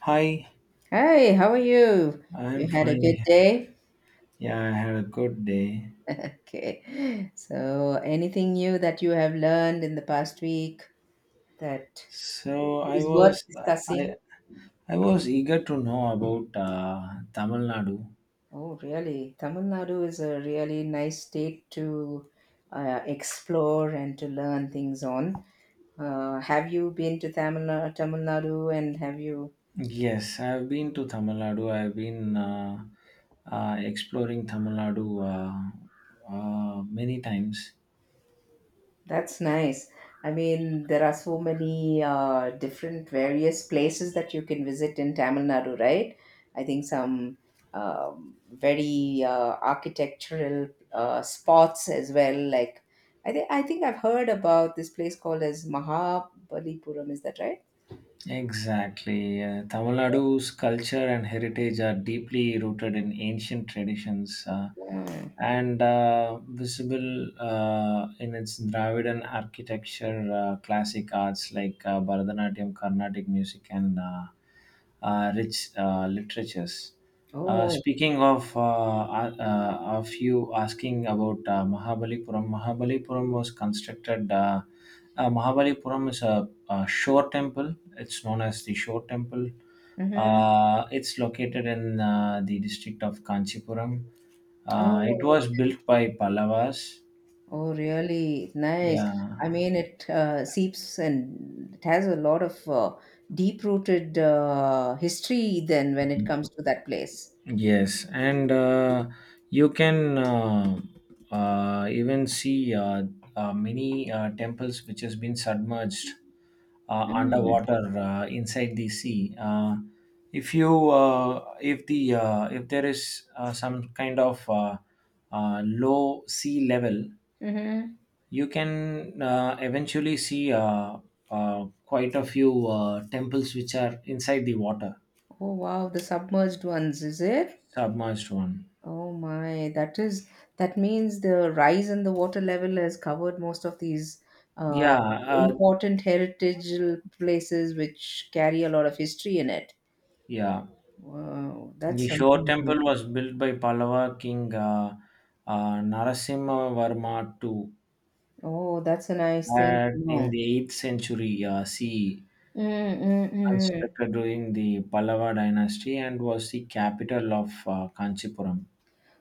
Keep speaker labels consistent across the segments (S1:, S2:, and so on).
S1: Hi,
S2: Hi, how are you? You
S1: I'm
S2: had a
S1: fine.
S2: good day?
S1: Yeah, I had a good day.
S2: Okay. So, anything new that you have learned in the past week that
S1: So
S2: is worth discussing?
S1: I I was eager to know about Tamil Nadu.
S2: Oh, really? Tamil Nadu is a really nice state to explore and to learn things on. Have you been to Tamil Nadu and have you
S1: Yes, I've been to Tamil Nadu. I've been exploring Tamil Nadu many times.
S2: That's nice. I mean, there are so many different various places that you can visit in Tamil Nadu, right? I think some very architectural spots as well. Like, I think I've heard about this place called as Mahabalipuram. Is that right?
S1: Exactly. Tamil Nadu's culture and heritage are deeply rooted in ancient traditions,
S2: Yeah.
S1: and visible in its Dravidian architecture, classic arts like Bharatanatyam, Carnatic music, and rich literatures.
S2: Oh.
S1: Speaking of you asking about Mahabalipuram, Mahabalipuram was constructed. Mahabalipuram is a shore temple. It's known as the Shore Temple.
S2: Mm-hmm.
S1: It's located in the district of Kanchipuram. It
S2: Oh.
S1: was built by Pallavas.
S2: Oh, really? Nice. I
S1: Yeah.
S2: mean, it seeps and it has a lot of deep-rooted history then when it comes to that place.
S1: Yes, and you can even see many temples which has been submerged
S2: Mm.
S1: underwater inside the sea. If there is some kind of low sea level,
S2: Mm-hmm.
S1: you can eventually see quite a few temples which are inside the water,
S2: Oh, wow, the submerged ones, is it?
S1: submerged one.
S2: Oh my, that is that means the rise in the water level has covered most of these uh,
S1: Yeah, uh,
S2: important heritage places which carry a lot of history in it.
S1: yeah.
S2: Wow, that's
S1: The Shore
S2: something
S1: Temple
S2: amazing.
S1: was built by Pallava king Narasimhavarma II
S2: Oh, that's a nice thing to
S1: at
S2: know.
S1: in the 8th century CE,
S2: Mm, mm, mm.
S1: constructed during the Pallava dynasty and was the capital of Kanchipuram.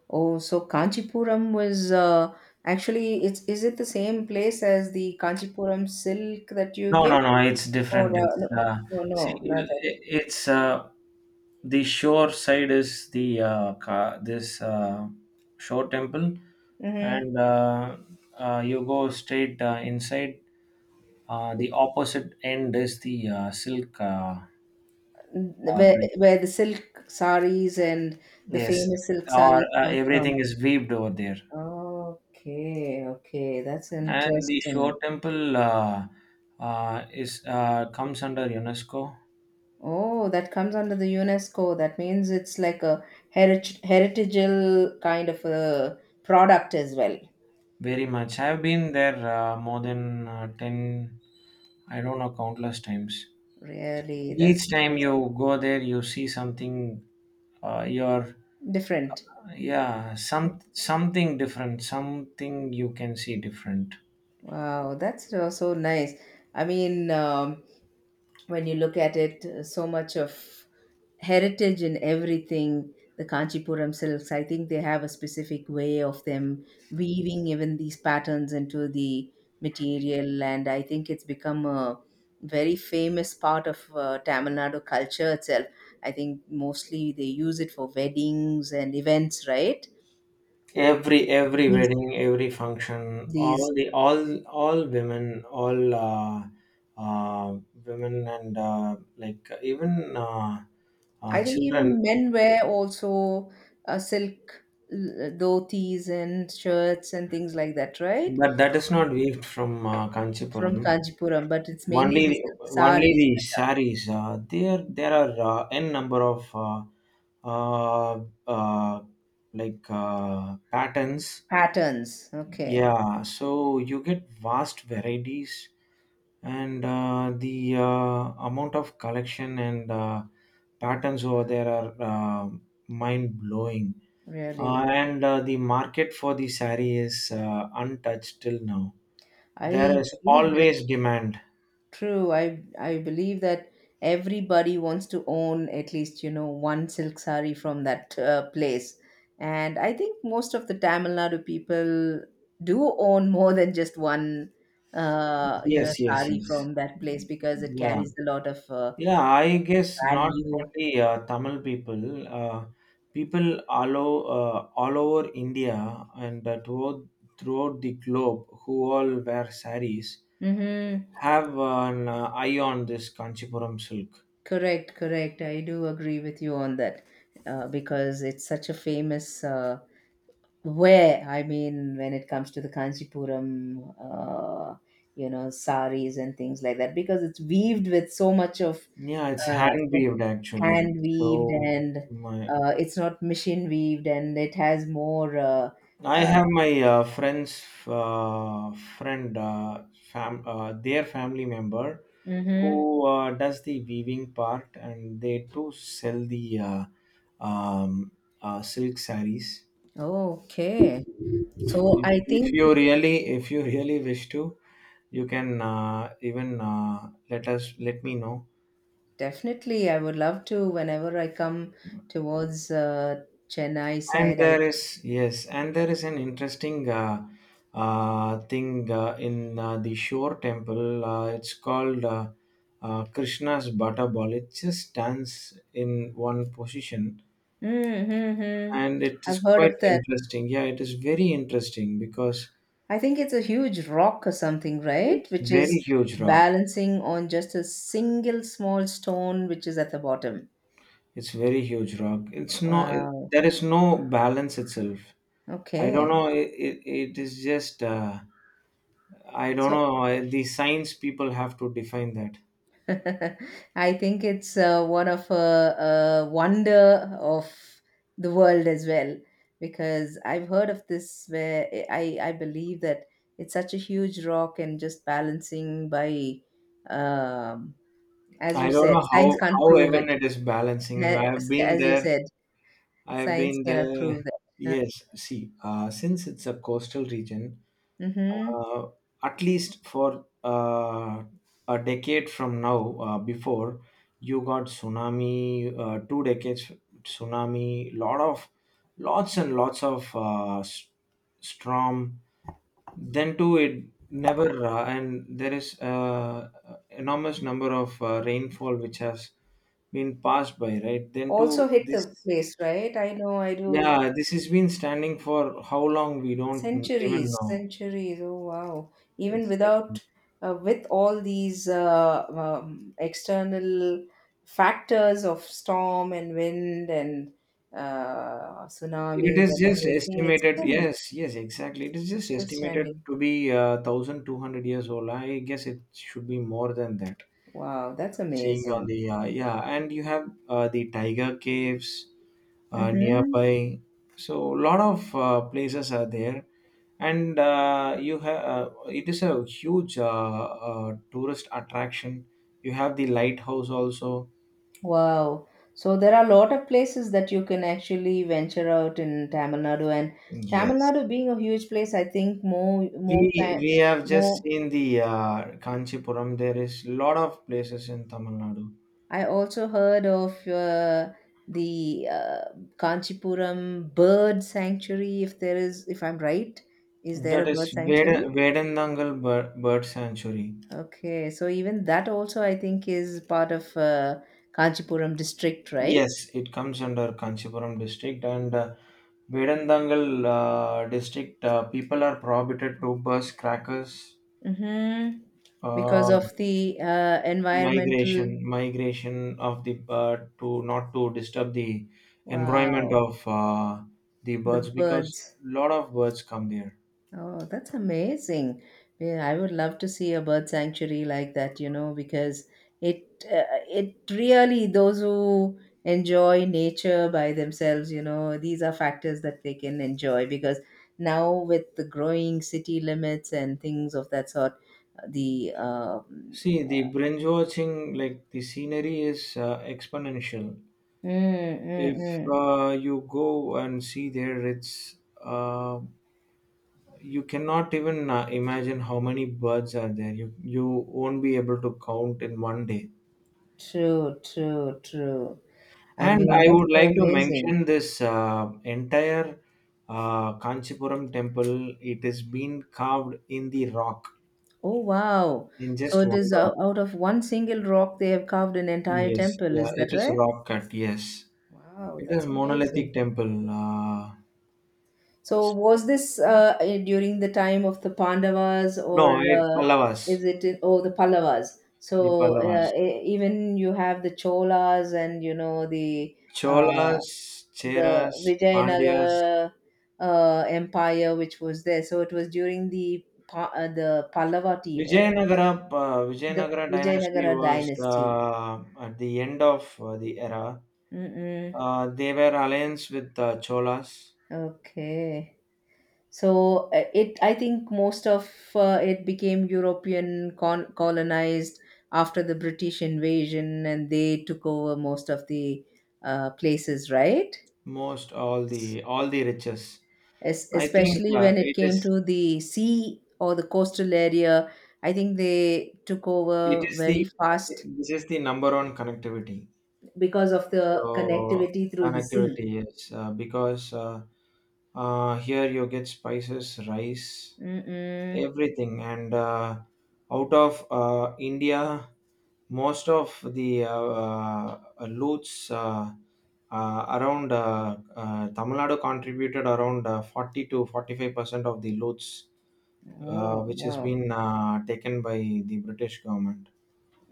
S2: Oh, so Kanchipuram was actually it's is it the same place as the Kanchipuram silk that you
S1: No,
S2: get
S1: no, no, it's
S2: or
S1: different. It's
S2: no,
S1: uh,
S2: no,
S1: See,
S2: no, not
S1: it-
S2: that.
S1: it's the shore side is the this shore temple,
S2: Mm-hmm.
S1: and you go straight inside. The opposite end is the silk. Uh,
S2: Where
S1: pl-
S2: where the silk saris and the
S1: yes,
S2: famous silk saris
S1: or
S2: come from.
S1: everything is weaved over there.
S2: Okay, okay, that's
S1: And the
S2: interesting.
S1: Shore Temple is comes under UNESCO
S2: Oh, that comes under the UNESCO. That means it's like a heritageal kind of a product as well.
S1: very much. I've been there more than ten. I don't know, countless times.
S2: Really, that's
S1: Each time
S2: nice.
S1: you go there, you see something. Your
S2: Different.
S1: Yeah, something different. Something you can see different.
S2: Wow, that's also nice. I mean, when you look at it, so much of heritage in everything. The Kanchipuram silks, I think they have a specific way of them weaving even these patterns into the material, and I think it's become a very famous part of Tamil Nadu culture itself. I think mostly they use it for weddings and events, right?
S1: Every
S2: These
S1: wedding, every function, all
S2: these
S1: the all women, all uh, women and, like, even
S2: I think
S1: children,
S2: even men wear also silk dhotis and shirts and things like that, right?
S1: but that is not weaved from
S2: From
S1: Kanchipuram
S2: Kanchipuram, but it's mainly
S1: only.
S2: the silk
S1: Only
S2: saris,
S1: the saris. There are n number of uh, uh, like patterns.
S2: patterns. Okay,
S1: Yeah, so you get vast varieties, and the amount of collection and patterns over there are mind blowing,
S2: really.
S1: and the market for the sari is untouched till now. There
S2: I
S1: is
S2: believe
S1: always demand.
S2: true, I believe that everybody wants to own at least you know one silk sari from that place, and I think most of the Tamil Nadu people do own more than just one you
S1: Yes,
S2: know
S1: yes,
S2: sari
S1: yes.
S2: from that place because it
S1: Yeah,
S2: carries a lot of
S1: yeah, I guess not
S2: value.
S1: only Tamil people, people all over India, and throughout the globe, who all wear saris,
S2: Mm-hmm.
S1: have an eye on this Kanchipuram silk.
S2: Correct, correct. I do agree with you on that because it's such a famous Where, I mean, when it comes to the Kanchipuram, you know, saris and things like that, because it's weaved with so much of
S1: Yeah, it's hand
S2: so
S1: weaved actually.
S2: hand weaved
S1: So
S2: and
S1: my
S2: it's not machine weaved and it has more.
S1: I
S2: Uh,
S1: have my friend's friend, their family member,
S2: hmm.
S1: who does the weaving part, and they do sell the um, silk saris.
S2: Okay. So
S1: If,
S2: I
S1: if
S2: think
S1: you really, if you really wish to, you can even let me know.
S2: definitely I would love to, whenever I come towards Chennai
S1: And
S2: side, I.
S1: there is, yes, and there is an interesting thing in the shore temple. It's called Krishna's Bata Ball. It just stands in one position,
S2: Mm-hmm.
S1: and it
S2: I've
S1: is
S2: heard
S1: quite
S2: of that.
S1: interesting. Yeah, it is very interesting because
S2: I think it's a huge rock or something, right?
S1: it's
S2: Which
S1: very
S2: is
S1: huge rock.
S2: balancing on just a single small stone which is at the bottom.
S1: It's very huge rock. It's no, it,
S2: Wow.
S1: there is no balance itself. I don't
S2: Okay.
S1: know. It is just, I don't
S2: So
S1: know. The science people have to define that.
S2: I think it's one of a wonder of the world as well, because I've heard of this where I believe that it's such a huge rock and just balancing by, um, as you
S1: I don't
S2: said,
S1: know,
S2: science
S1: how
S2: can't
S1: how
S2: prove it,
S1: even it is balancing. I have
S2: as
S1: been
S2: as you
S1: there.
S2: said.
S1: I have
S2: Science
S1: been
S2: cannot prove
S1: there.
S2: that.
S1: Yes, see, since it's a coastal region,
S2: Mm-hmm.
S1: uh, at least for a decade from now, before you got tsunami, two decades tsunami, lots and lots of storm, then too, it never, and there is enormous number of rainfall which has been passed by, right? Then
S2: Also
S1: too,
S2: hit the
S1: this
S2: place, right? I know I do
S1: yeah, this has been standing for how long we don't even
S2: centuries,
S1: know.
S2: centuries. Oh, wow. Even
S1: It's like
S2: without, with all these external factors of storm and wind and
S1: it
S2: tsunamis
S1: is
S2: and
S1: just
S2: everything,
S1: estimated. Yes, yes, exactly. It is
S2: it's
S1: just
S2: still
S1: estimated
S2: standing.
S1: to be 1,200 years old. I guess it should be more than that.
S2: Wow, that's
S1: Seeing on
S2: amazing.
S1: the yeah, and you have the tiger caves
S2: Mm-hmm.
S1: nearby. So lot of places are there, and you have it is a huge tourist attraction. You have the lighthouse also.
S2: Wow. So there are a lot of places that you can actually venture out in Tamil Nadu, and Tamil
S1: Yes.
S2: Nadu being a huge place, I think
S1: We we have just
S2: more.
S1: seen the Kanchipuram. There is lot of places in Tamil Nadu.
S2: I also heard of the Kanchipuram bird sanctuary. If there is, if I'm right, is there a
S1: That
S2: bird
S1: is
S2: sanctuary?
S1: Vedandangal Bird Sanctuary.
S2: Okay, so even that also I think is part of Kanchipuram district, right?
S1: Yes, it comes under Kanchipuram district, and Vedandangal district, people are prohibited to bus crackers.
S2: Mm-hmm. Because
S1: Uh,
S2: of the
S1: migration,
S2: environmental.
S1: migration of the to not to disturb the environment
S2: Wow.
S1: of the
S2: The
S1: birds because
S2: birds.
S1: lot of birds come there.
S2: Oh, that's amazing. Yeah, I would love to see a bird sanctuary like that, you know, because it it really those who enjoy nature by themselves, you know, these are factors that they can enjoy because now with the growing city limits and things of that sort, the
S1: See the binge watching, like the scenery is exponential.
S2: mm,
S1: If
S2: mm.
S1: you go and see there, it's uh, you cannot even imagine how many birds are there. You won't be able to count in one day.
S2: true, true, true. I
S1: And
S2: mean,
S1: I
S2: that's
S1: would
S2: so
S1: like to
S2: amazing.
S1: mention this entire Kanchipuram temple, it is been carved in the rock,
S2: Oh, wow.
S1: in
S2: So
S1: just
S2: it
S1: one
S2: is
S1: rock.
S2: out of one single rock they have carved an entire
S1: Yes,
S2: temple,
S1: yeah,
S2: is
S1: it
S2: that
S1: is
S2: right?
S1: rock cut. Yes,
S2: Wow,
S1: it is
S2: that's amazing.
S1: monolithic temple. uh,
S2: So was this during the time of the Pandavas
S1: no
S2: or
S1: it Pallavas.
S2: is it in, oh the Pallavas?
S1: The
S2: So
S1: Pallavas,
S2: even you have the Cholas and you know uh,
S1: Cholas,
S2: the
S1: Cheras, Pandyas.
S2: Vijayanagar empire which was there. So it was during the
S1: Vijayanagara, uh,
S2: the
S1: Vijayanagara
S2: Vijayanagar
S1: dynasty was
S2: dynasty.
S1: at the end of the era.
S2: Mm-mm.
S1: They were alliance with Cholas,
S2: Okay. So it, I think most of it became European colonized after the British invasion, and they took over most of the places, right?
S1: most all the riches. I think
S2: Especially when it came to the sea or the coastal area, I think they took
S1: it
S2: over
S1: is the
S2: very fast
S1: this is the number one connectivity.
S2: because of the
S1: So
S2: connectivity through the sea.
S1: connectivity yes, because here you get spices, rice,
S2: Mm-mm.
S1: everything, and out of India, most of the loots around Tamil Nadu contributed around 40 to 45% of the loots,
S2: Oh,
S1: which has
S2: wow.
S1: been taken by the British government.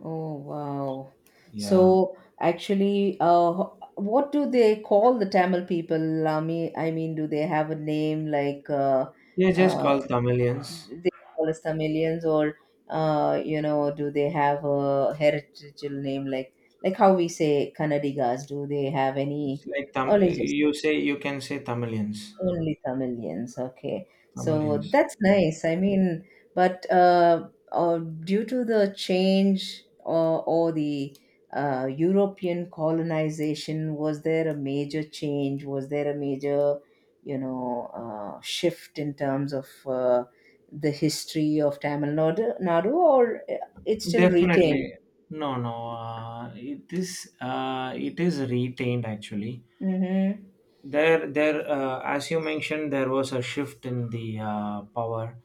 S2: Oh, wow.
S1: Yeah,
S2: So actually, what do they call the Tamil people? I mean, do they have a name like
S1: they just
S2: uh,
S1: called Tamilians.
S2: they call us Tamilians, or you know, do they have a heritage name like how we say Kannadigas? Do they have
S1: It's
S2: any,
S1: like
S2: or just
S1: you can say Tamilians.
S2: only Tamilians, okay. So
S1: Tamilians.
S2: that's nice. I mean, but due to the change or the European colonization, was there a major change? Was there a major, you know, shift in terms of the history of Nadu or it's still retained?
S1: Definitely. No, no. It is retained actually.
S2: Mm-hmm.
S1: There, there. As you mentioned, there was a shift in the power,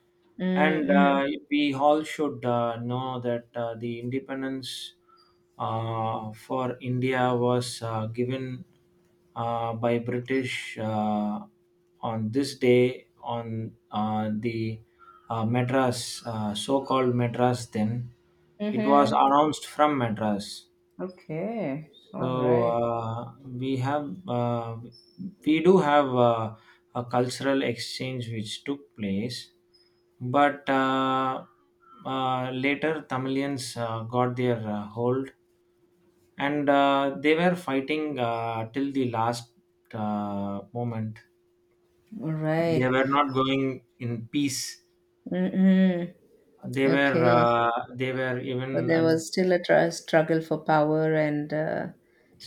S1: and
S2: Mm-hmm.
S1: we all should know that the independence for India was given by British on this day, on the Madras, so-called Madras. Then it was
S2: Mm-hmm.
S1: announced from Madras.
S2: Okay. All
S1: So
S2: right.
S1: we do have a cultural exchange which took place, but later Tamilians got their hold, and they were fighting till the last moment.
S2: All
S1: They
S2: right.
S1: were not going in peace.
S2: Mm-mm.
S1: They were
S2: Okay.
S1: uh, they were
S2: So
S1: even
S2: there
S1: uh,
S2: was still a tr struggle for power and,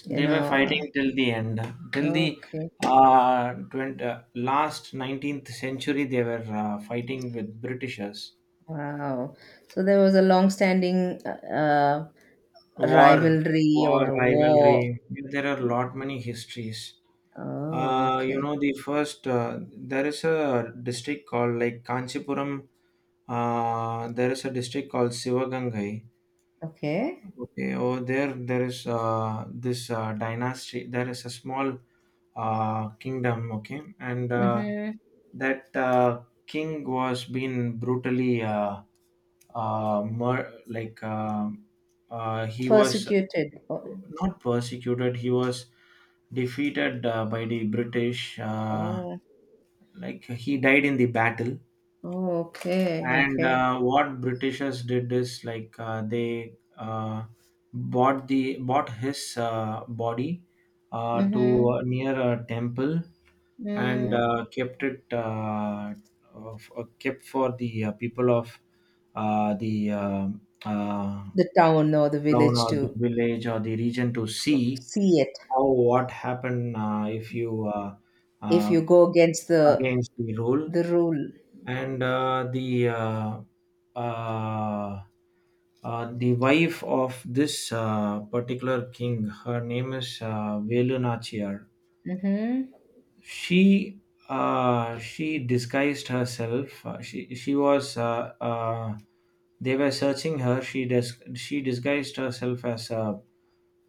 S2: you
S1: They were
S2: know,
S1: fighting till the end, till the
S2: okay.
S1: 20, last 19th century. They were fighting with Britishers.
S2: Wow. So there was a long-standing uh,
S1: War,
S2: rivalry or
S1: war
S2: a war.
S1: rivalry. There are lot many histories.
S2: Oh, okay.
S1: There is a district called like Kanchipuram. There is a district called Sivagangai.
S2: Okay.
S1: Okay, over there, there is this dynasty. There is a small kingdom, okay, and
S2: Mm-hmm.
S1: that king was being brutally, like he was
S2: Persecuted. Oh,
S1: not persecuted. He was defeated by the British.
S2: oh,
S1: Like, he died in the battle.
S2: oh, okay.
S1: And
S2: Okay.
S1: what Britishers did is like they bought his body to
S2: Mm-hmm.
S1: near a temple, and
S2: Mm.
S1: kept for the people of the uh,
S2: The town or the
S1: town
S2: village
S1: or the
S2: to
S1: village or the region to see
S2: see it
S1: how what happened if you
S2: if
S1: uh,
S2: you go against
S1: against the rule.
S2: the rule.
S1: And uh, the wife of this particular king, her name is Velu Nachiyar.
S2: Mm-hmm.
S1: She uh, she disguised herself. She was they were searching her. She disguised herself as a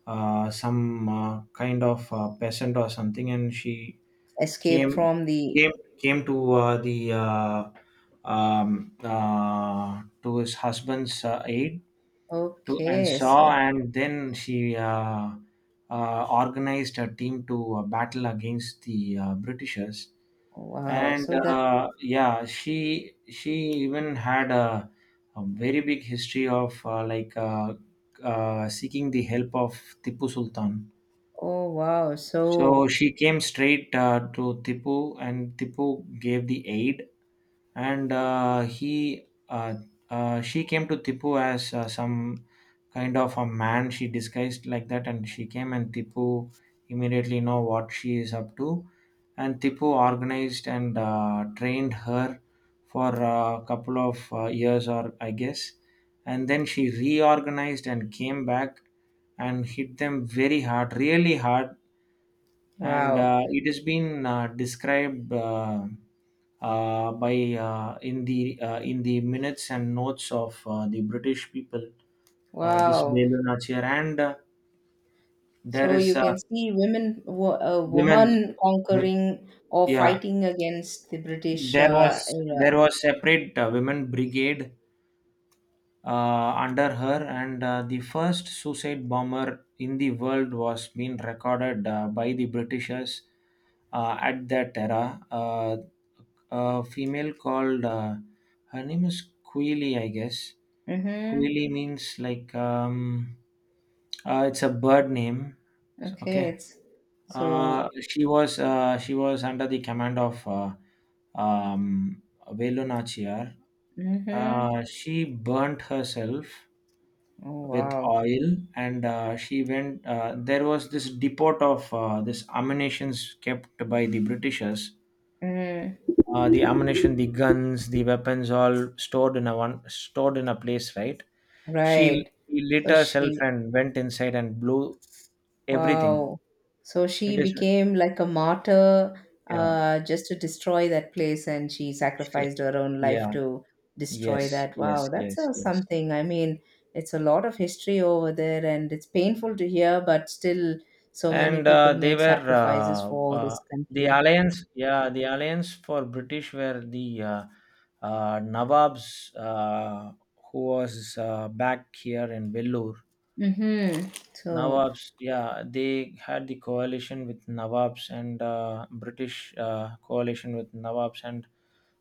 S1: some kind of peasant or something, and she
S2: Escape
S1: came
S2: from the
S1: came came to the to his husband's aid, to and
S2: okay,
S1: saw,
S2: so
S1: and then she organized a team to battle against the Britishers.
S2: wow,
S1: And
S2: so that's
S1: yeah, she even had a very big history of like seeking the help of Tipu Sultan.
S2: oh wow,
S1: So
S2: so
S1: she came straight to Tipu, and Tipu gave the aid, and he she came to Tipu as some kind of a man. She disguised like that, and she came, and Tipu immediately know what she is up to, and Tipu organized and trained her for a couple of years, or I guess, and then she reorganized and came back and hit them very hard, really hard. And
S2: wow,
S1: it has been described by in the minutes and notes of the British people. This
S2: wow.
S1: Belu Nachir, and there
S2: So
S1: is
S2: you can see women, a
S1: women.
S2: woman
S1: w-
S2: conquering or
S1: Yeah,
S2: fighting against the British
S1: there was
S2: era.
S1: there was separate women brigade under her, and the first suicide bomber in the world was being recorded by the Britishers at that era. Uh, a female called her name is Queely, I guess.
S2: Mm-hmm.
S1: Queely means like it's a bird name. So-
S2: Okay,
S1: Okay.
S2: it's so.
S1: She was under the command of um, Velu Nachiyar.
S2: Mm-hmm.
S1: She burnt herself
S2: Oh
S1: with
S2: wow.
S1: oil, and she went. There was this depot of this ammunitions kept by the Britishers,
S2: Mm-hmm.
S1: the ammunition, the guns, the weapons, all stored in a one stored in a place, right? She,
S2: Right.
S1: she lit
S2: So
S1: herself
S2: she.
S1: and went inside and blew everything.
S2: Wow. So she
S1: It is,
S2: became like a martyr
S1: yeah,
S2: just to destroy that place, and she
S1: she-
S2: sacrificed her own life
S1: yeah,
S2: to
S1: yes,
S2: destroy that.
S1: yes,
S2: Wow, that's
S1: yes, yes.
S2: something. I mean, it's a lot of history over there, and it's painful to hear, but still, so many
S1: And
S2: people
S1: they
S2: made
S1: were
S2: sacrifices for this
S1: the
S2: country.
S1: alliance, yeah, the alliance for British were the Nawabs, who was back here in Vellore.
S2: Mm-hmm. So,
S1: Nawabs, yeah, they had the coalition with Nawabs and British coalition with Nawabs, and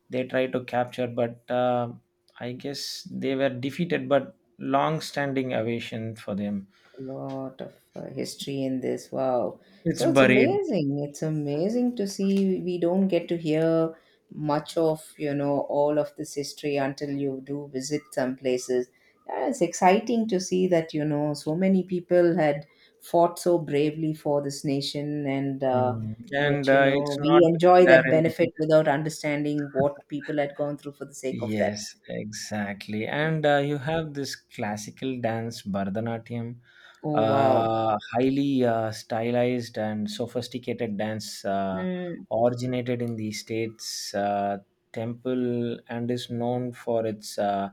S1: they tried to capture, but I guess they were defeated. But long-standing aversion for them,
S2: lot of history in this. Wow.
S1: it's
S2: So it's
S1: buried.
S2: amazing. It's amazing to see. We don't get to hear much of, you know, all of this history until you do visit some places. And it's exciting to see that, you know, so many people had fought so bravely for this nation and
S1: Mm. And
S2: yet, you know,
S1: it's not
S2: we
S1: been
S2: enjoy
S1: there
S2: that
S1: in.
S2: benefit without understanding what people had gone through for the sake of that.
S1: Yes, exactly. And you have this classical dance, Bharatanatyam,
S2: Oh, wow.
S1: highly stylized and sophisticated dance,
S2: Mm.
S1: originated in the state's temple and is known for its uh,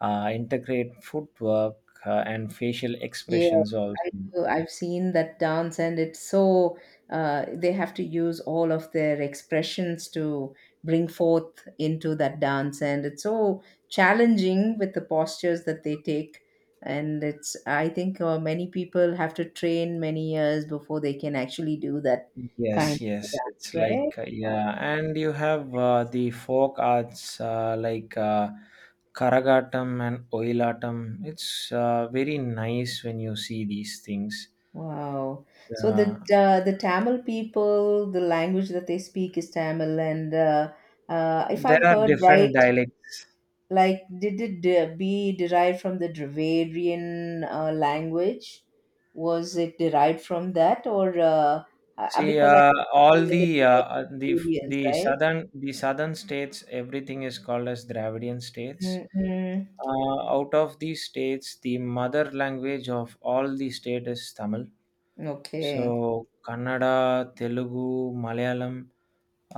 S1: uh, intricate footwork and facial
S2: Yeah,
S1: expressions also.
S2: I do. I've seen that dance, and it's so they have to use all of their expressions to bring forth into that dance, and it's so challenging with the postures that they take. And it's, I think, many people have to train many years before they can actually do that
S1: Yes,
S2: kind of
S1: yes,
S2: dance,
S1: it's
S2: right?
S1: like
S2: Wow.
S1: yeah, and you have the folk arts like Karagatam and Oilatam. It's very nice when you see these things.
S2: Wow. So
S1: Yeah,
S2: the Tamil people, the language that they speak is Tamil, and if I've
S1: there are
S2: heard
S1: different
S2: right,
S1: dialects.
S2: like, did it be derived from the Dravidian language? Was it derived from that, or
S1: See,
S2: because I
S1: all
S2: think that
S1: the
S2: the Dravidians,
S1: the
S2: right?
S1: southern the southern states, everything is called as Dravidian states.
S2: Mm-hmm.
S1: Out of these states, the mother language of all the state is Tamil. So,
S2: Okay.
S1: Kannada, Telugu, Malayalam,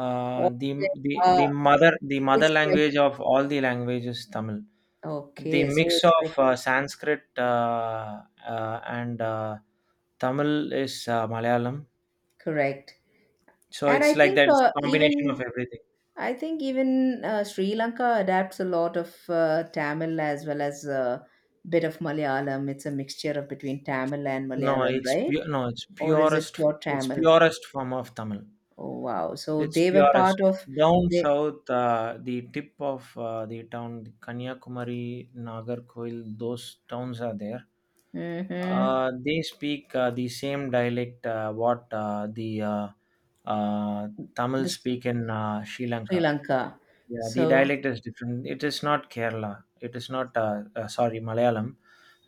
S1: uh,
S2: Or,
S1: the
S2: uh,
S1: the mother
S2: it's like
S1: language of all the languages, Tamil. The
S2: okay, so
S1: mix
S2: it's
S1: of
S2: like
S1: Sanskrit and Tamil is Malayalam.
S2: correct.
S1: So
S2: And I
S1: it's like
S2: think
S1: that. It's a combination of
S2: even
S1: everything.
S2: I think even Sri Lanka adapts a lot of Tamil as well as a bit of Malayalam. It's a mixture of between Tamil and Malayalam, right?
S1: No, it's
S2: Or is it
S1: purest.
S2: pure
S1: It's
S2: Tamil?
S1: purest form of Tamil.
S2: Oh wow! So
S1: It's
S2: they were
S1: purest.
S2: part of
S1: Down
S2: the
S1: south, the tip of the town, Kanyakumari, Nagarkoil, those towns are there.
S2: mm-hmm,
S1: They speak the same dialect what the uh, Tamil
S2: the
S1: speak in Sri
S2: Sri
S1: Lanka.
S2: Lanka,
S1: Yeah, the
S2: so
S1: dialect is different. It is not Kerala. It is not, sorry, Malayalam.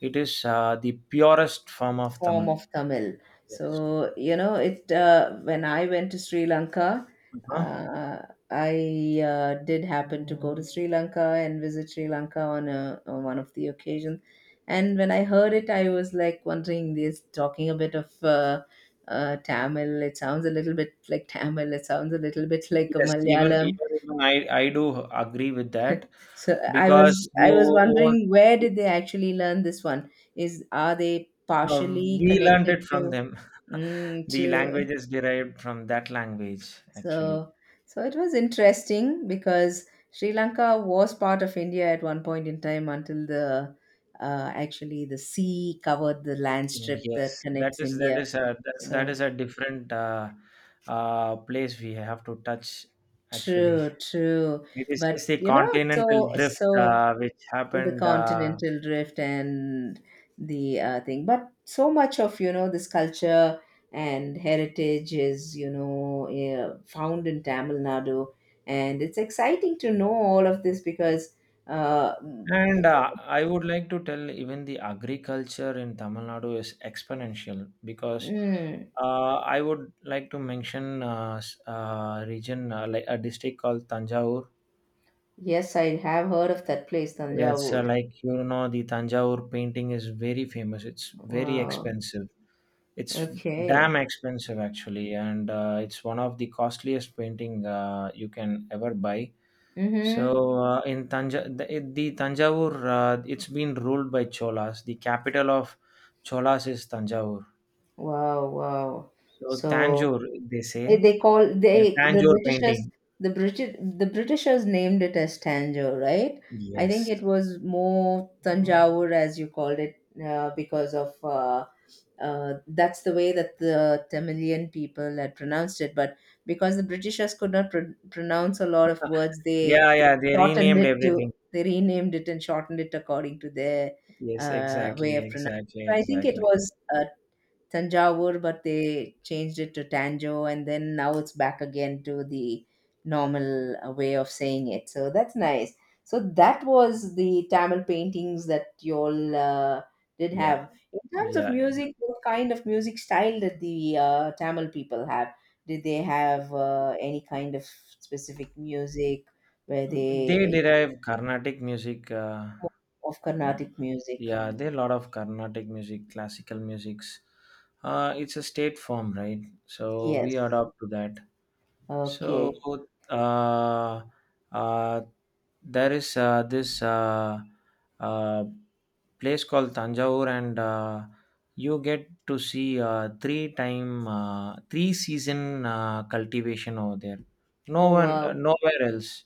S1: It is the purest form of
S2: form
S1: Tamil.
S2: of Tamil. So you know it. When I went to Sri Lanka,
S1: Uh-huh.
S2: uh, I did happen to go to Sri Lanka and visit Sri Lanka on a on one of the occasions. And when I heard it, I was like wondering, this talking a bit of. Tamil. It sounds a little bit like Tamil. It sounds a little bit like a
S1: Yes, even
S2: Malayalam
S1: even even I do agree with that
S2: So I
S1: because
S2: was I
S1: you
S2: was
S1: won't
S2: wondering where
S1: you
S2: did they actually learn this one? Is are they
S1: know,
S2: partially
S1: we learned
S2: connected
S1: it from
S2: to
S1: them.
S2: mm,
S1: The
S2: to
S1: language is derived from that language actually.
S2: so so it was interesting because Sri Lanka was part of India at one point in time until the actually the sea covered the land
S1: Mm,
S2: strip that
S1: yes, that
S2: connects
S1: is that
S2: India.
S1: is a that, that is
S2: So
S1: a different place we have to touch actually.
S2: true, true.
S1: It is
S2: But
S1: just the
S2: you know,
S1: continental
S2: so
S1: drift
S2: so
S1: which
S2: the
S1: happened
S2: continental drift and the thing. But so much of this culture and heritage is found in Tamil Nadu, and it's exciting to know all of this. Because uh,
S1: and I would like to tell even the agriculture in Tamil Nadu is exponential because
S2: mm,
S1: I would like to mention region like a district called Tanjavur.
S2: yes, I have heard of that place,
S1: It's
S2: Tanjavur.
S1: like you know the Tanjavur painting is very famous. It's very
S2: Wow.
S1: expensive. It's damn
S2: Okay.
S1: expensive actually, and it's one of the costliest painting you can ever buy. So,
S2: Mm-hmm.
S1: in the Tanjavur, it's been ruled by Cholas. The capital of Cholas is Tanjavur.
S2: Wow, wow.
S1: So,
S2: So,
S1: Tanjore, they
S2: eh,
S1: say.
S2: they call they the
S1: Tanjore
S2: Britishers,
S1: painting.
S2: the British, the Britishers named it as Tanjore, right? I think
S1: Yes.
S2: it was more Tanjavur, as you called it, because of that's the way that the Tamilian people had pronounced it. But because the Britishers could not pronounce a lot of words, they
S1: Yeah, yeah, they
S2: shortened
S1: renamed
S2: it
S1: everything.
S2: to, they renamed it and shortened it according to their
S1: Yes,
S2: way
S1: exactly,
S2: of pronouncing.
S1: exactly,
S2: So I think it
S1: exactly.
S2: was Tanjavur, but they changed it to Tanjo, and then now it's back again to the normal way of saying it. So that's nice. So that was the Tamil paintings that you all did
S1: Yeah,
S2: have. In terms of
S1: yeah, yeah.
S2: music, what kind of music style did the Tamil people have? Did they have any kind of specific music? Were
S1: They
S2: they
S1: derive Carnatic music.
S2: of Carnatic music?
S1: Yeah, there are a lot of Carnatic music, classical musics. It's a state form, right? So
S2: Yes.
S1: we adopt to that. So
S2: Okay.
S1: uh, uh, there is this uh, place called Tanjore, and you get to see three season cultivation over there. No
S2: Oh
S1: one,
S2: wow.
S1: nowhere else.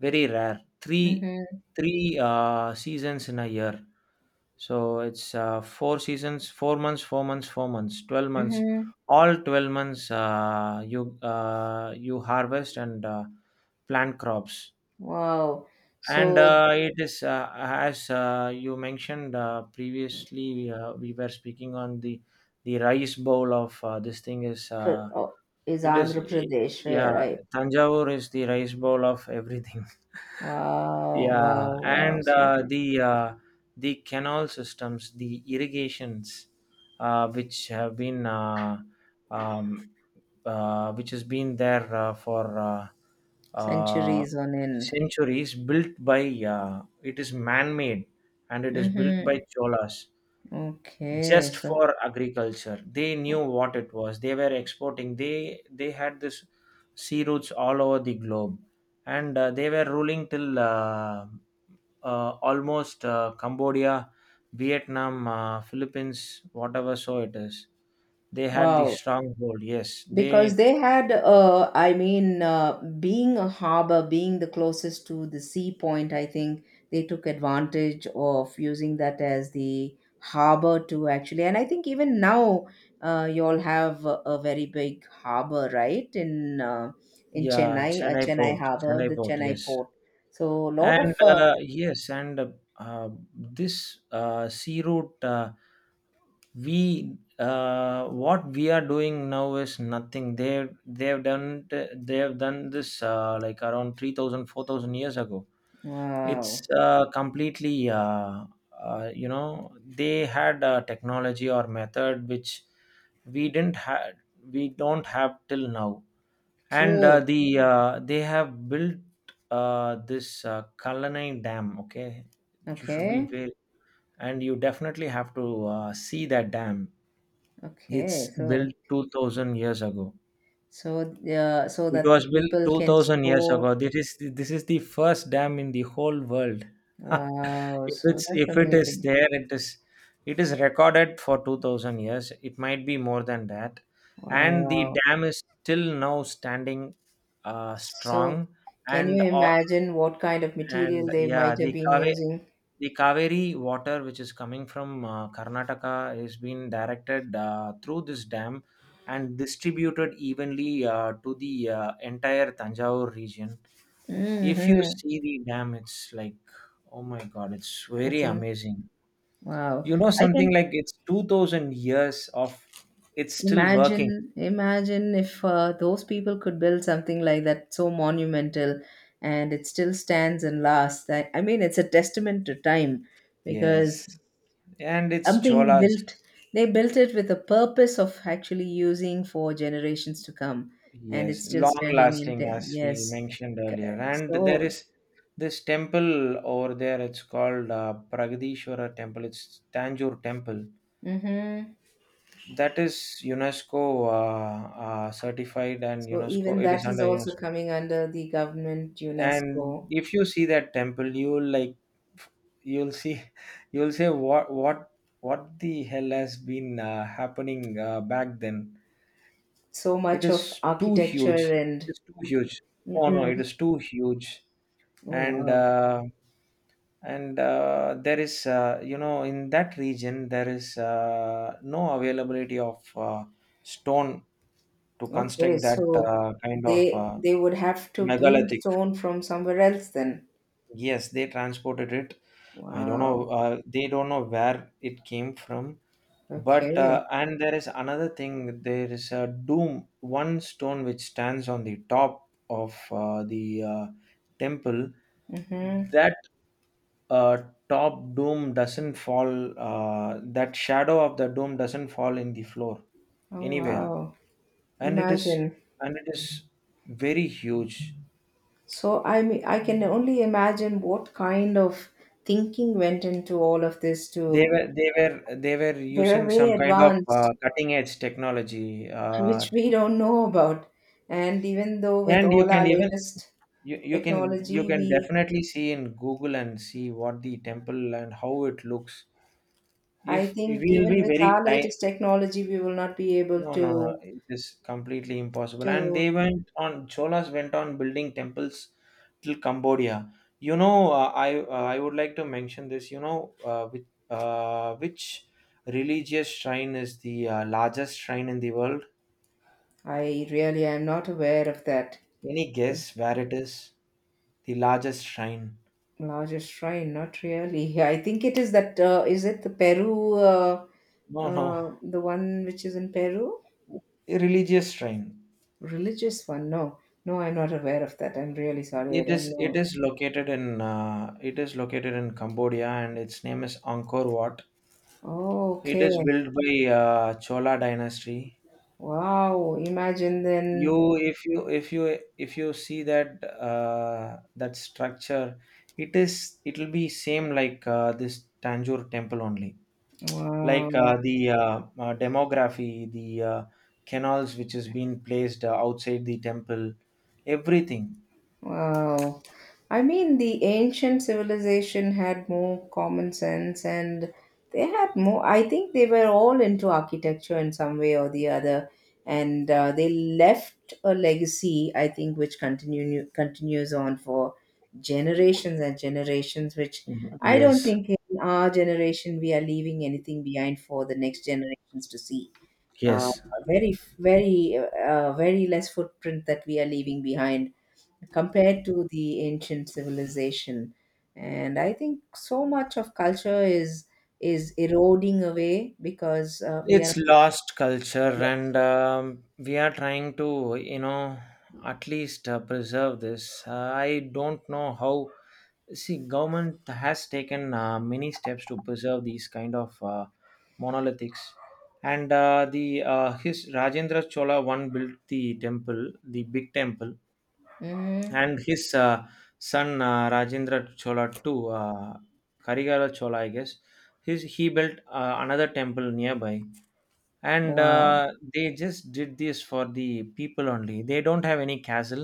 S1: Very rare. Three,
S2: Mm-hmm.
S1: three uh, seasons in a year. So it's four seasons, four months, four months, four months, twelve months,
S2: Mm-hmm.
S1: all 12 months you you harvest and plant crops
S2: Wow.
S1: and
S2: So,
S1: it is as you mentioned previously we were speaking on the rice bowl of this thing is
S2: oh, is
S1: it is
S2: Andhra Pradesh,
S1: yeah,
S2: where, right?
S1: Tanjavur is the rice bowl of everything.
S2: Wow, wow,
S1: Yeah,
S2: wow.
S1: and
S2: So the
S1: uh, the canal systems, the irrigations which have been um, which has been there for uh,
S2: centuries on end.
S1: centuries, built by it is man-made and it is built by
S2: Mm-hmm.
S1: Cholas
S2: Okay.
S1: just
S2: So,
S1: for agriculture. They knew what it was. They were exporting. They had this sea routes all over the globe, and they were ruling till almost Cambodia, Vietnam, Philippines, whatever so it is. They had the
S2: wow.
S1: stronghold. Yes,
S2: Because
S1: they.
S2: they had, I mean, being a harbor, being the closest to the sea point, I think they took advantage of using that as the harbor to actually, and I think even now you all have a very big harbor right in
S1: Yeah,
S2: Chennai, Chennai harbor,
S1: Chennai
S2: the
S1: port,
S2: Chennai
S1: yes,
S2: port. So a lot of
S1: and uh, yes, and uh, uh, this sea route, we what we are doing now is nothing. They have done this like around 3,000, 4,000 years ago. It's
S2: wow,
S1: completely, you know, they had a technology or method which we didn't have we don't have till now, and
S2: true.
S1: they have built this Kallanai Dam. Okay, you should be
S2: Okay.
S1: very, and you definitely have to see that dam.
S2: Okay.
S1: It's
S2: So,
S1: built 2,000 years ago.
S2: so so
S1: It
S2: that the
S1: was built
S2: people can
S1: 2,000 years
S2: store.
S1: ago. This is the first dam in the whole world.
S2: Wow,
S1: If
S2: so
S1: it's,
S2: that's
S1: if it is
S2: amazing.
S1: there, it is recorded for 2,000 years. It might be more than that. And the
S2: Wow.
S1: dam is still now standing
S2: So,
S1: strong,
S2: can you
S1: and uh,
S2: imagine what kind of material
S1: and
S2: they might
S1: yeah,
S2: have
S1: the
S2: been
S1: carving.
S2: using?
S1: The Kaveri water, which is coming from Karnataka, is being directed through this dam and distributed evenly to the entire Tanjore region. If you
S2: Mm-hmm.
S1: see the dam, it's like, oh my God, it's
S2: It's
S1: very
S2: in,
S1: amazing.
S2: wow.
S1: You know,
S2: I
S1: something
S2: can
S1: like it's 2,000 years of it's still working.
S2: imagine, imagine if those people could build something like that so monumental, and it still stands and lasts. That, I mean, it's a testament to time, because
S1: Yes. And it's
S2: something
S1: Cholas.
S2: built, they built it with the purpose of actually using for generations to come, and it's
S1: Yes,
S2: still
S1: long
S2: standing in
S1: lasting,
S2: there,
S1: as we
S2: yes.
S1: mentioned
S2: K-,
S1: earlier. And there
S2: so,
S1: is this temple over there, it's called Pragadishwara Temple, it's Tanjore Temple.
S2: hmm.
S1: That is UNESCO certified, and
S2: So
S1: UNESCO,
S2: even
S1: it
S2: that
S1: is
S2: is
S1: under
S2: also
S1: UNESCO.
S2: coming under the government
S1: And
S2: UNESCO.
S1: if you see that temple, you'll like, you'll see, you'll say, what the hell has been happening back then?
S2: So
S1: It
S2: much of
S1: is too
S2: architecture
S1: huge. It
S2: and
S1: is too huge. No, no, it
S2: mm,
S1: is too huge,
S2: oh
S1: and
S2: wow.
S1: there is you know in that region there is no availability of stone to
S2: Okay,
S1: construct that
S2: so
S1: kind of
S2: they they would have to bring
S1: megalithic.
S2: stone from somewhere else then.
S1: Yes, they transported it. I don't
S2: Wow.
S1: know, they don't know where it came from, but
S2: Okay.
S1: and there is another thing, there is a doom, one stone which stands on the top of the temple
S2: Mm-hmm.
S1: that uh, top doom doesn't fall, that shadow of the doom doesn't fall in the floor
S2: Oh
S1: anywhere,
S2: wow.
S1: and it
S2: Imagine.
S1: is and it is very huge.
S2: So I mean, I can only imagine what kind of thinking went into all of this
S1: they
S2: too.
S1: were they were they were
S2: They were
S1: using
S2: way
S1: some kind of
S2: advanced,
S1: cutting edge technology, uh,
S2: which we don't know about. And even though with
S1: and you
S2: all
S1: can
S2: our
S1: even
S2: latest
S1: you, you can you
S2: technology,
S1: can
S2: we,
S1: definitely see in Google and see what the temple and how it looks
S2: I
S1: if
S2: think
S1: we'll
S2: even
S1: be
S2: with
S1: very
S2: our
S1: ti.
S2: latest technology, we will not be able
S1: No, no, no.
S2: to
S1: It is completely impossible. And they
S2: to.
S1: went on, Cholas went on building temples till Cambodia. You know, I would like to mention this. You know, which religious shrine is the largest shrine in the world?
S2: I really am not aware of that.
S1: Any
S2: The
S1: guess where it is? The largest shrine?
S2: largest shrine, not really. I think it is that. Is it the Peru?
S1: No, no.
S2: The one which is in Peru?
S1: A religious shrine.
S2: Religious one? No. No, I'm not aware of that. I'm really sorry. I
S1: It
S2: don't
S1: is it
S2: know.
S1: is located in Cambodia, and its name is Angkor Wat.
S2: Oh,
S1: It is
S2: okay.
S1: built by Chola dynasty.
S2: Wow. Imagine then.
S1: If you see that that structure, it is. It will be same like this Tanjore temple only. Like uh,
S2: Wow.
S1: the uh, uh, demography, the canals which has been placed outside the temple, everything.
S2: Wow. I mean, the ancient civilization had more common sense, and they had more, I think they were all into architecture in some way or the other. And they left a legacy, I think, which continue, continues on for generations and generations, which
S1: Mhm.
S2: I don't
S1: Yes.
S2: think in our generation we are leaving anything behind for the next generations to see. Uh,
S1: Yes.
S2: Very, very, very less footprint that we are leaving behind compared to the ancient civilization. And I think so much of culture is eroding away because we
S1: It's
S2: are
S1: lost culture, and we are trying to, you know, at least preserve this. I don't know how. See, government has taken many steps to preserve these kind of monolithics, and the his Rajendra Chola one built the temple, the big temple,
S2: hmm,
S1: and his son Rajendra Chola two, uh, Karigara Chola, I guess. His, he built another temple nearby, and
S2: wow.
S1: they just did this for the people only. They don't have any castle.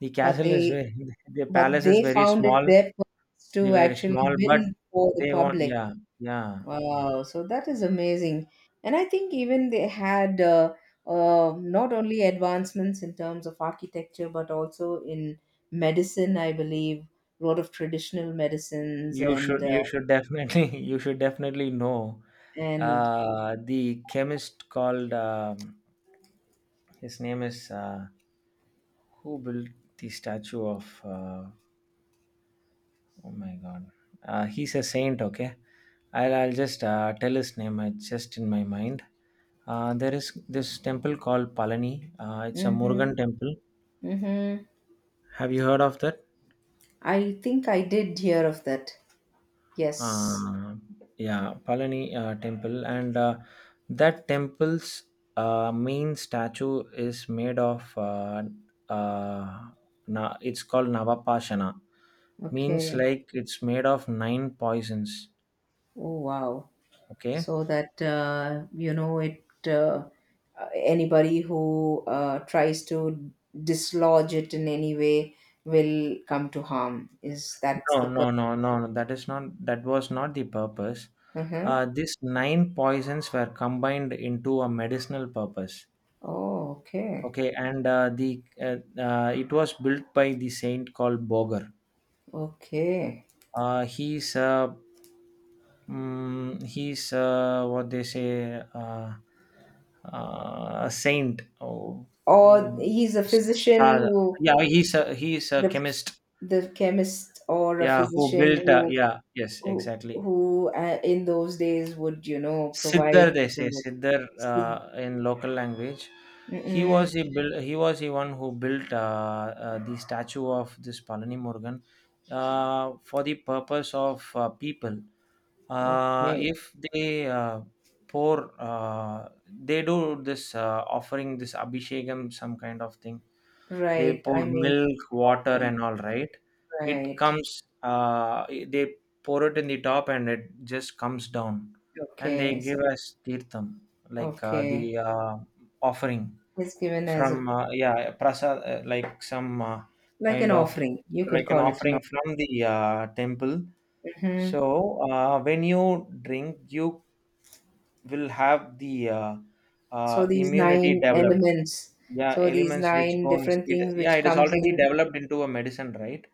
S1: The
S2: But
S1: castle is
S2: they,
S1: very the
S2: but
S1: palace is
S2: they
S1: very
S2: found it
S1: small.
S2: their purpose
S1: They
S2: to
S1: very
S2: actually
S1: small but
S2: build for the
S1: they want.
S2: public.
S1: Yeah. Yeah.
S2: Wow, so that is amazing. And I think even they had not only advancements in terms of architecture but also in medicine, I believe. A lot of traditional medicines
S1: You should, you should definitely you should definitely know
S2: and
S1: the chemist called his name is who built the statue of oh my God. He's a saint, okay? I'll just tell his name. It's just in my mind. There is this temple called Palani. It's a
S2: mhm,
S1: Murugan temple.
S2: mhm.
S1: Have you heard of that?
S2: I think I did hear of that. Yes.
S1: Uh, yeah, Palani temple. And that temple's main statue is made of, uh, it's called Navapashana. Means
S2: Okay.
S1: like it's made of nine poisons,
S2: Oh wow.
S1: okay?
S2: So that you know it anybody who tries to dislodge it in any way will come to harm. Is that's
S1: No,
S2: the
S1: no, no, no, no. That is not. That was not the purpose.
S2: uh-huh.
S1: These nine poisons were combined into a medicinal purpose.
S2: Oh, okay.
S1: Okay, and the it was built by the saint called Boger.
S2: Okay.
S1: Uh, he's uh, he's what they say a saint. Oh,
S2: Or
S1: oh,
S2: he's a physician
S1: Sa-
S2: who,
S1: yeah, he's a
S2: the
S1: chemist.
S2: the chemist or a
S1: Yeah, who
S2: physician
S1: built?
S2: who
S1: Yeah, yes,
S2: who
S1: exactly.
S2: who in those days would, you know,
S1: Siddhar,
S2: provide
S1: they say
S2: people with
S1: Siddhar
S2: so-
S1: in local language. He
S2: mm-mm,
S1: was a build, he was the one who built the statue of this Palani Murugan for the purpose of people.
S2: okay,
S1: If they pour, they do this offering, this abhishekam, some kind of thing. They
S2: right,
S1: pour
S2: I mean,
S1: milk, water,
S2: offering,
S1: and all. Right, it
S2: right,
S1: comes. uh, they pour it in the top and it just comes down. And they
S2: okay
S1: give
S2: so,
S1: us tirtham, like
S2: okay,
S1: the offering
S2: it's given as
S1: from
S2: a,
S1: yeah, prasad, like some
S2: like an
S1: kind of,
S2: offering, you could
S1: like an
S2: call it an
S1: offering
S2: offering,
S1: from the temple.
S2: hmm.
S1: So when you drink you will have the
S2: So these
S1: immunity
S2: nine
S1: developed.
S2: elements,
S1: Yeah,
S2: so these
S1: elements which
S2: nine
S1: goes
S2: different
S1: it,
S2: things which
S1: yeah, it is
S2: comes
S1: already
S2: in,
S1: developed into a medicine, right.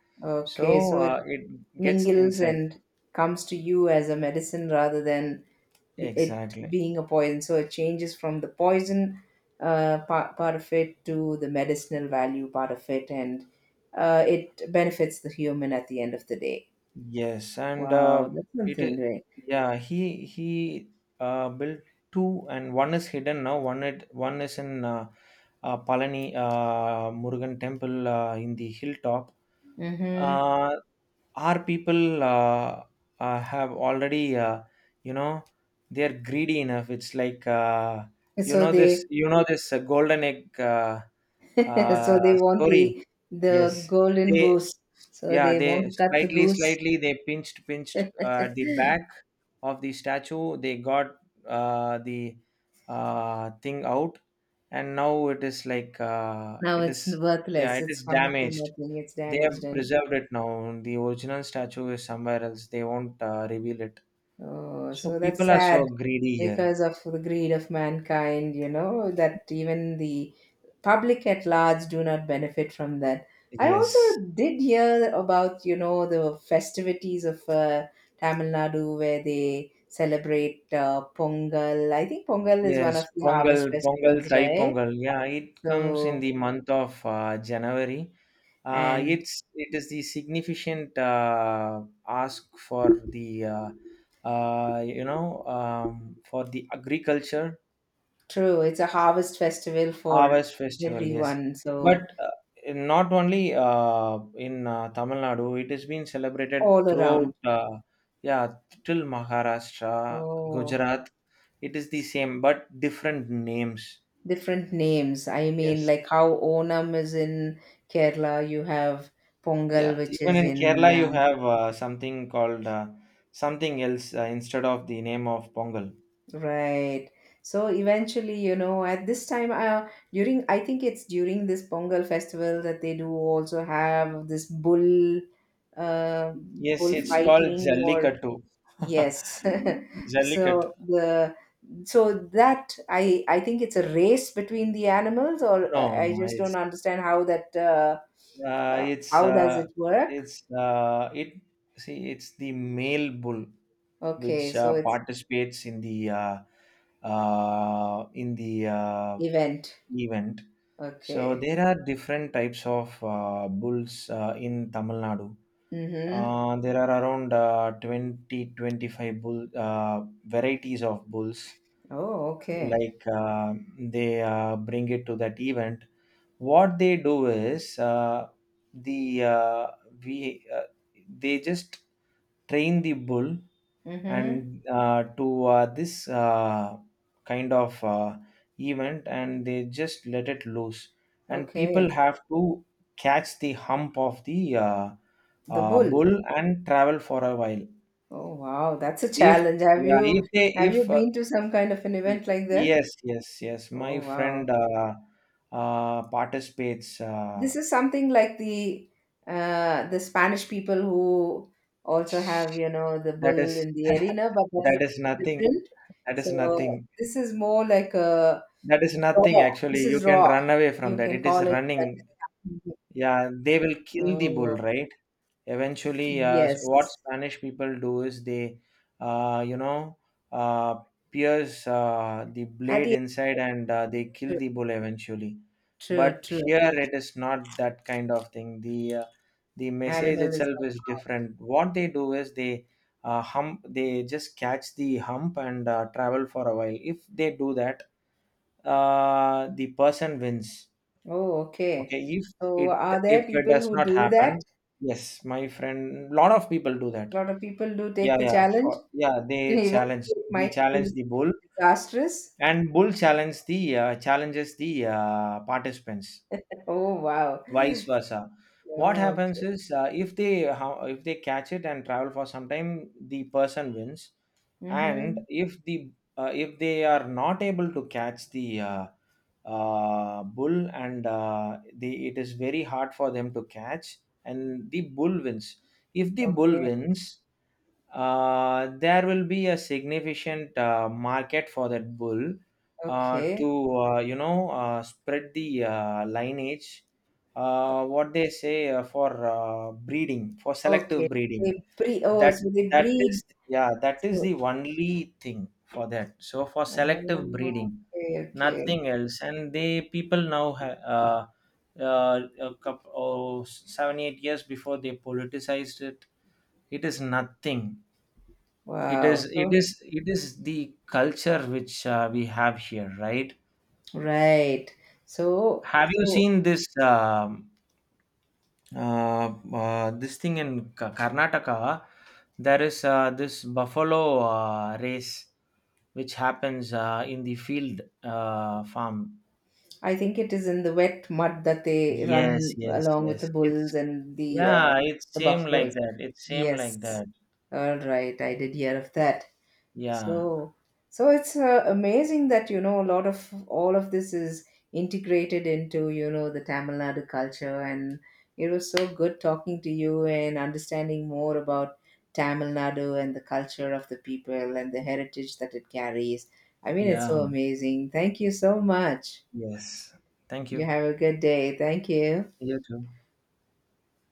S1: So
S2: okay so it's
S1: it gets
S2: mingles
S1: inside,
S2: and comes to you as a medicine rather than it
S1: exactly.
S2: being a poison. So it changes from the poison part, part of it to the medicinal value part of it, and it benefits the human at the end of the day.
S1: Yes, and
S2: Wow, that's
S1: it is,
S2: something great.
S1: yeah, he built two, and one is hidden now. One is in Palani Murugan temple in the hilltop.
S2: Mm-hmm.
S1: Uh, Our people have already, you know, they're greedy enough. It's like,
S2: So they
S1: this golden egg
S2: so they want
S1: story.
S2: the
S1: Yes,
S2: golden
S1: they,
S2: goose. So
S1: yeah,
S2: they want
S1: they
S2: to cut the
S1: slightly,
S2: goose.
S1: slightly, they pinched the back of the statue. They got the thing out, and now it is like,
S2: Now
S1: it
S2: it's
S1: is, yeah,
S2: worthless.
S1: it
S2: It's
S1: is
S2: come to
S1: damaged.
S2: nothing. It's
S1: They
S2: damaged,
S1: have
S2: and
S1: preserved it now. The original statue is somewhere else. They won't reveal it.
S2: oh,
S1: So
S2: so that's
S1: people are
S2: sad
S1: so greedy here.
S2: because of the greed of mankind, you know, that even the public at large do not benefit from that. I also
S1: Yes.
S2: did hear about, you know, the festivities of Tamil Nadu, where they celebrate Pongal. I think Pongal is one of
S1: Yes,
S2: the
S1: Pongal,
S2: harvest
S1: Pongal,
S2: festivals,
S1: Thai
S2: right?
S1: Pongal. Yeah, it comes in
S2: So,
S1: the month of January.
S2: and
S1: It's it is the significant ask for the for the agriculture.
S2: true, it's a harvest festival for
S1: Harvest festival, yes.
S2: everyone,
S1: But
S2: so
S1: not only in Tamil Nadu, it is being celebrated
S2: all around.
S1: throughout, yeah, till Maharashtra,
S2: Oh.
S1: Gujarat. It is the same, but different names.
S2: Different names. I mean,
S1: Yes.
S2: like how Onam is in Kerala, you have Pongal,
S1: Yeah.
S2: which
S1: Even
S2: is
S1: in
S2: in
S1: Kerala, you have something called something else instead of the name of Pongal.
S2: right. So eventually, you know, at this time, during, I think it's during this Pongal festival, that they do also have this bull,
S1: Yes,
S2: bull
S1: it's called
S2: fighting or
S1: Jallikattu.
S2: yes.
S1: Jallikat.
S2: So the, so that I think it's a race between the animals, or
S1: No,
S2: I
S1: no,
S2: just don't understand how that.
S1: Uh,
S2: Uh,
S1: it's
S2: how does
S1: uh,
S2: it work?
S1: it see, it's the male bull which
S2: Okay, so it's
S1: participates in the
S2: event.
S1: event. So
S2: Okay.
S1: there are different types of bulls in Tamil Nadu.
S2: Mm-hmm.
S1: There are around 20 25 bull varieties of bulls,
S2: Oh, okay.
S1: like they bring it to that event. What they do is, the we they just train the bull
S2: Mm-hmm.
S1: and to this kind of event, and they just let it loose, and people
S2: Okay.
S1: have to catch the hump of the
S2: The bull.
S1: bull and travel for a while.
S2: Oh, wow. That's a
S1: If
S2: challenge. Have
S1: Yeah,
S2: you,
S1: if they
S2: have you
S1: if
S2: been to some kind of an
S1: y-
S2: event like that?
S1: yes, yes, yes, my
S2: Oh,
S1: friend
S2: wow.
S1: participates.
S2: This is something like the, uh, the Spanish people who also have, you know, the bull
S1: That is
S2: in the arena, but that is
S1: that is nothing.
S2: different.
S1: That is
S2: So
S1: nothing.
S2: this is more like a
S1: That is nothing
S2: raw.
S1: actually.
S2: This
S1: You
S2: is
S1: can
S2: raw.
S1: run away from
S2: You
S1: that.
S2: can
S1: It is
S2: call it that.
S1: running. Yeah, they will kill the
S2: Oh,
S1: bull, right? Eventually, what
S2: yes.
S1: Spanish people do is they, uh, you know, uh, pierce the
S2: At
S1: blade
S2: the
S1: inside and they kill
S2: true,
S1: the bull eventually.
S2: true,
S1: But
S2: true.
S1: here it is not that kind of thing. The message
S2: Animal is
S1: itself
S2: not
S1: is
S2: harmed.
S1: different. What they do is they just catch the hump and travel for a while. If they do that, the person wins.
S2: Oh, okay.
S1: Okay,
S2: So
S1: it
S2: are there
S1: if it
S2: people
S1: does
S2: who
S1: not
S2: do that?
S1: happen, yes, my friend, lot of people do that.
S2: A lot of people do take
S1: Yeah,
S2: the
S1: yeah,
S2: challenge,
S1: for, yeah. They
S2: even
S1: challenge,
S2: though it
S1: they
S2: might
S1: challenge
S2: be
S1: the bull,
S2: disastrous.
S1: and bull challenges the participants,
S2: Oh, wow.
S1: vice versa. What
S2: Okay.
S1: happens is, if they catch it and travel for some time, the person wins. And
S2: Mm-hmm.
S1: if they are not able to catch the bull, and the it is very hard for them to catch, and the bull wins. If the bull
S2: Okay.
S1: wins, there will be a significant market for that bull, to
S2: Okay.
S1: spread the lineage, what they say, for breeding, for
S2: Okay.
S1: selective
S2: They
S1: breeding.
S2: breed. Oh,
S1: that
S2: so they
S1: that
S2: breed.
S1: is, yeah, that is
S2: So,
S1: the only thing for that, so for selective
S2: oh,
S1: breeding,
S2: okay. Okay.
S1: nothing else. And they people now uh, a couple, oh, 7 8 years before, they politicized it. It is nothing.
S2: Wow. So
S1: It is the culture which we have here, right?
S2: right. So,
S1: Have you
S2: so
S1: seen this thing in Karnataka? There is this buffalo race which happens in the field farm.
S2: I think it is in the wet mud that they
S1: Yes,
S2: run
S1: yes,
S2: along with the
S1: yes.
S2: bulls
S1: It's
S2: and
S1: Yeah, it's
S2: the
S1: same like
S2: buffaloes.
S1: that. It's same like
S2: Yes.
S1: that.
S2: All right. I did hear of that.
S1: Yeah,
S2: So, so it's amazing that, you know, a lot of all of this is integrated into, you know, the Tamil Nadu culture. And it was so good talking to you and understanding more about Tamil Nadu and the culture of the people and the heritage that it carries. I mean, it's
S1: yeah,
S2: so amazing. Thank you so much.
S1: yes. Thank
S2: You
S1: you.
S2: have a good day. Thank you.
S1: You too.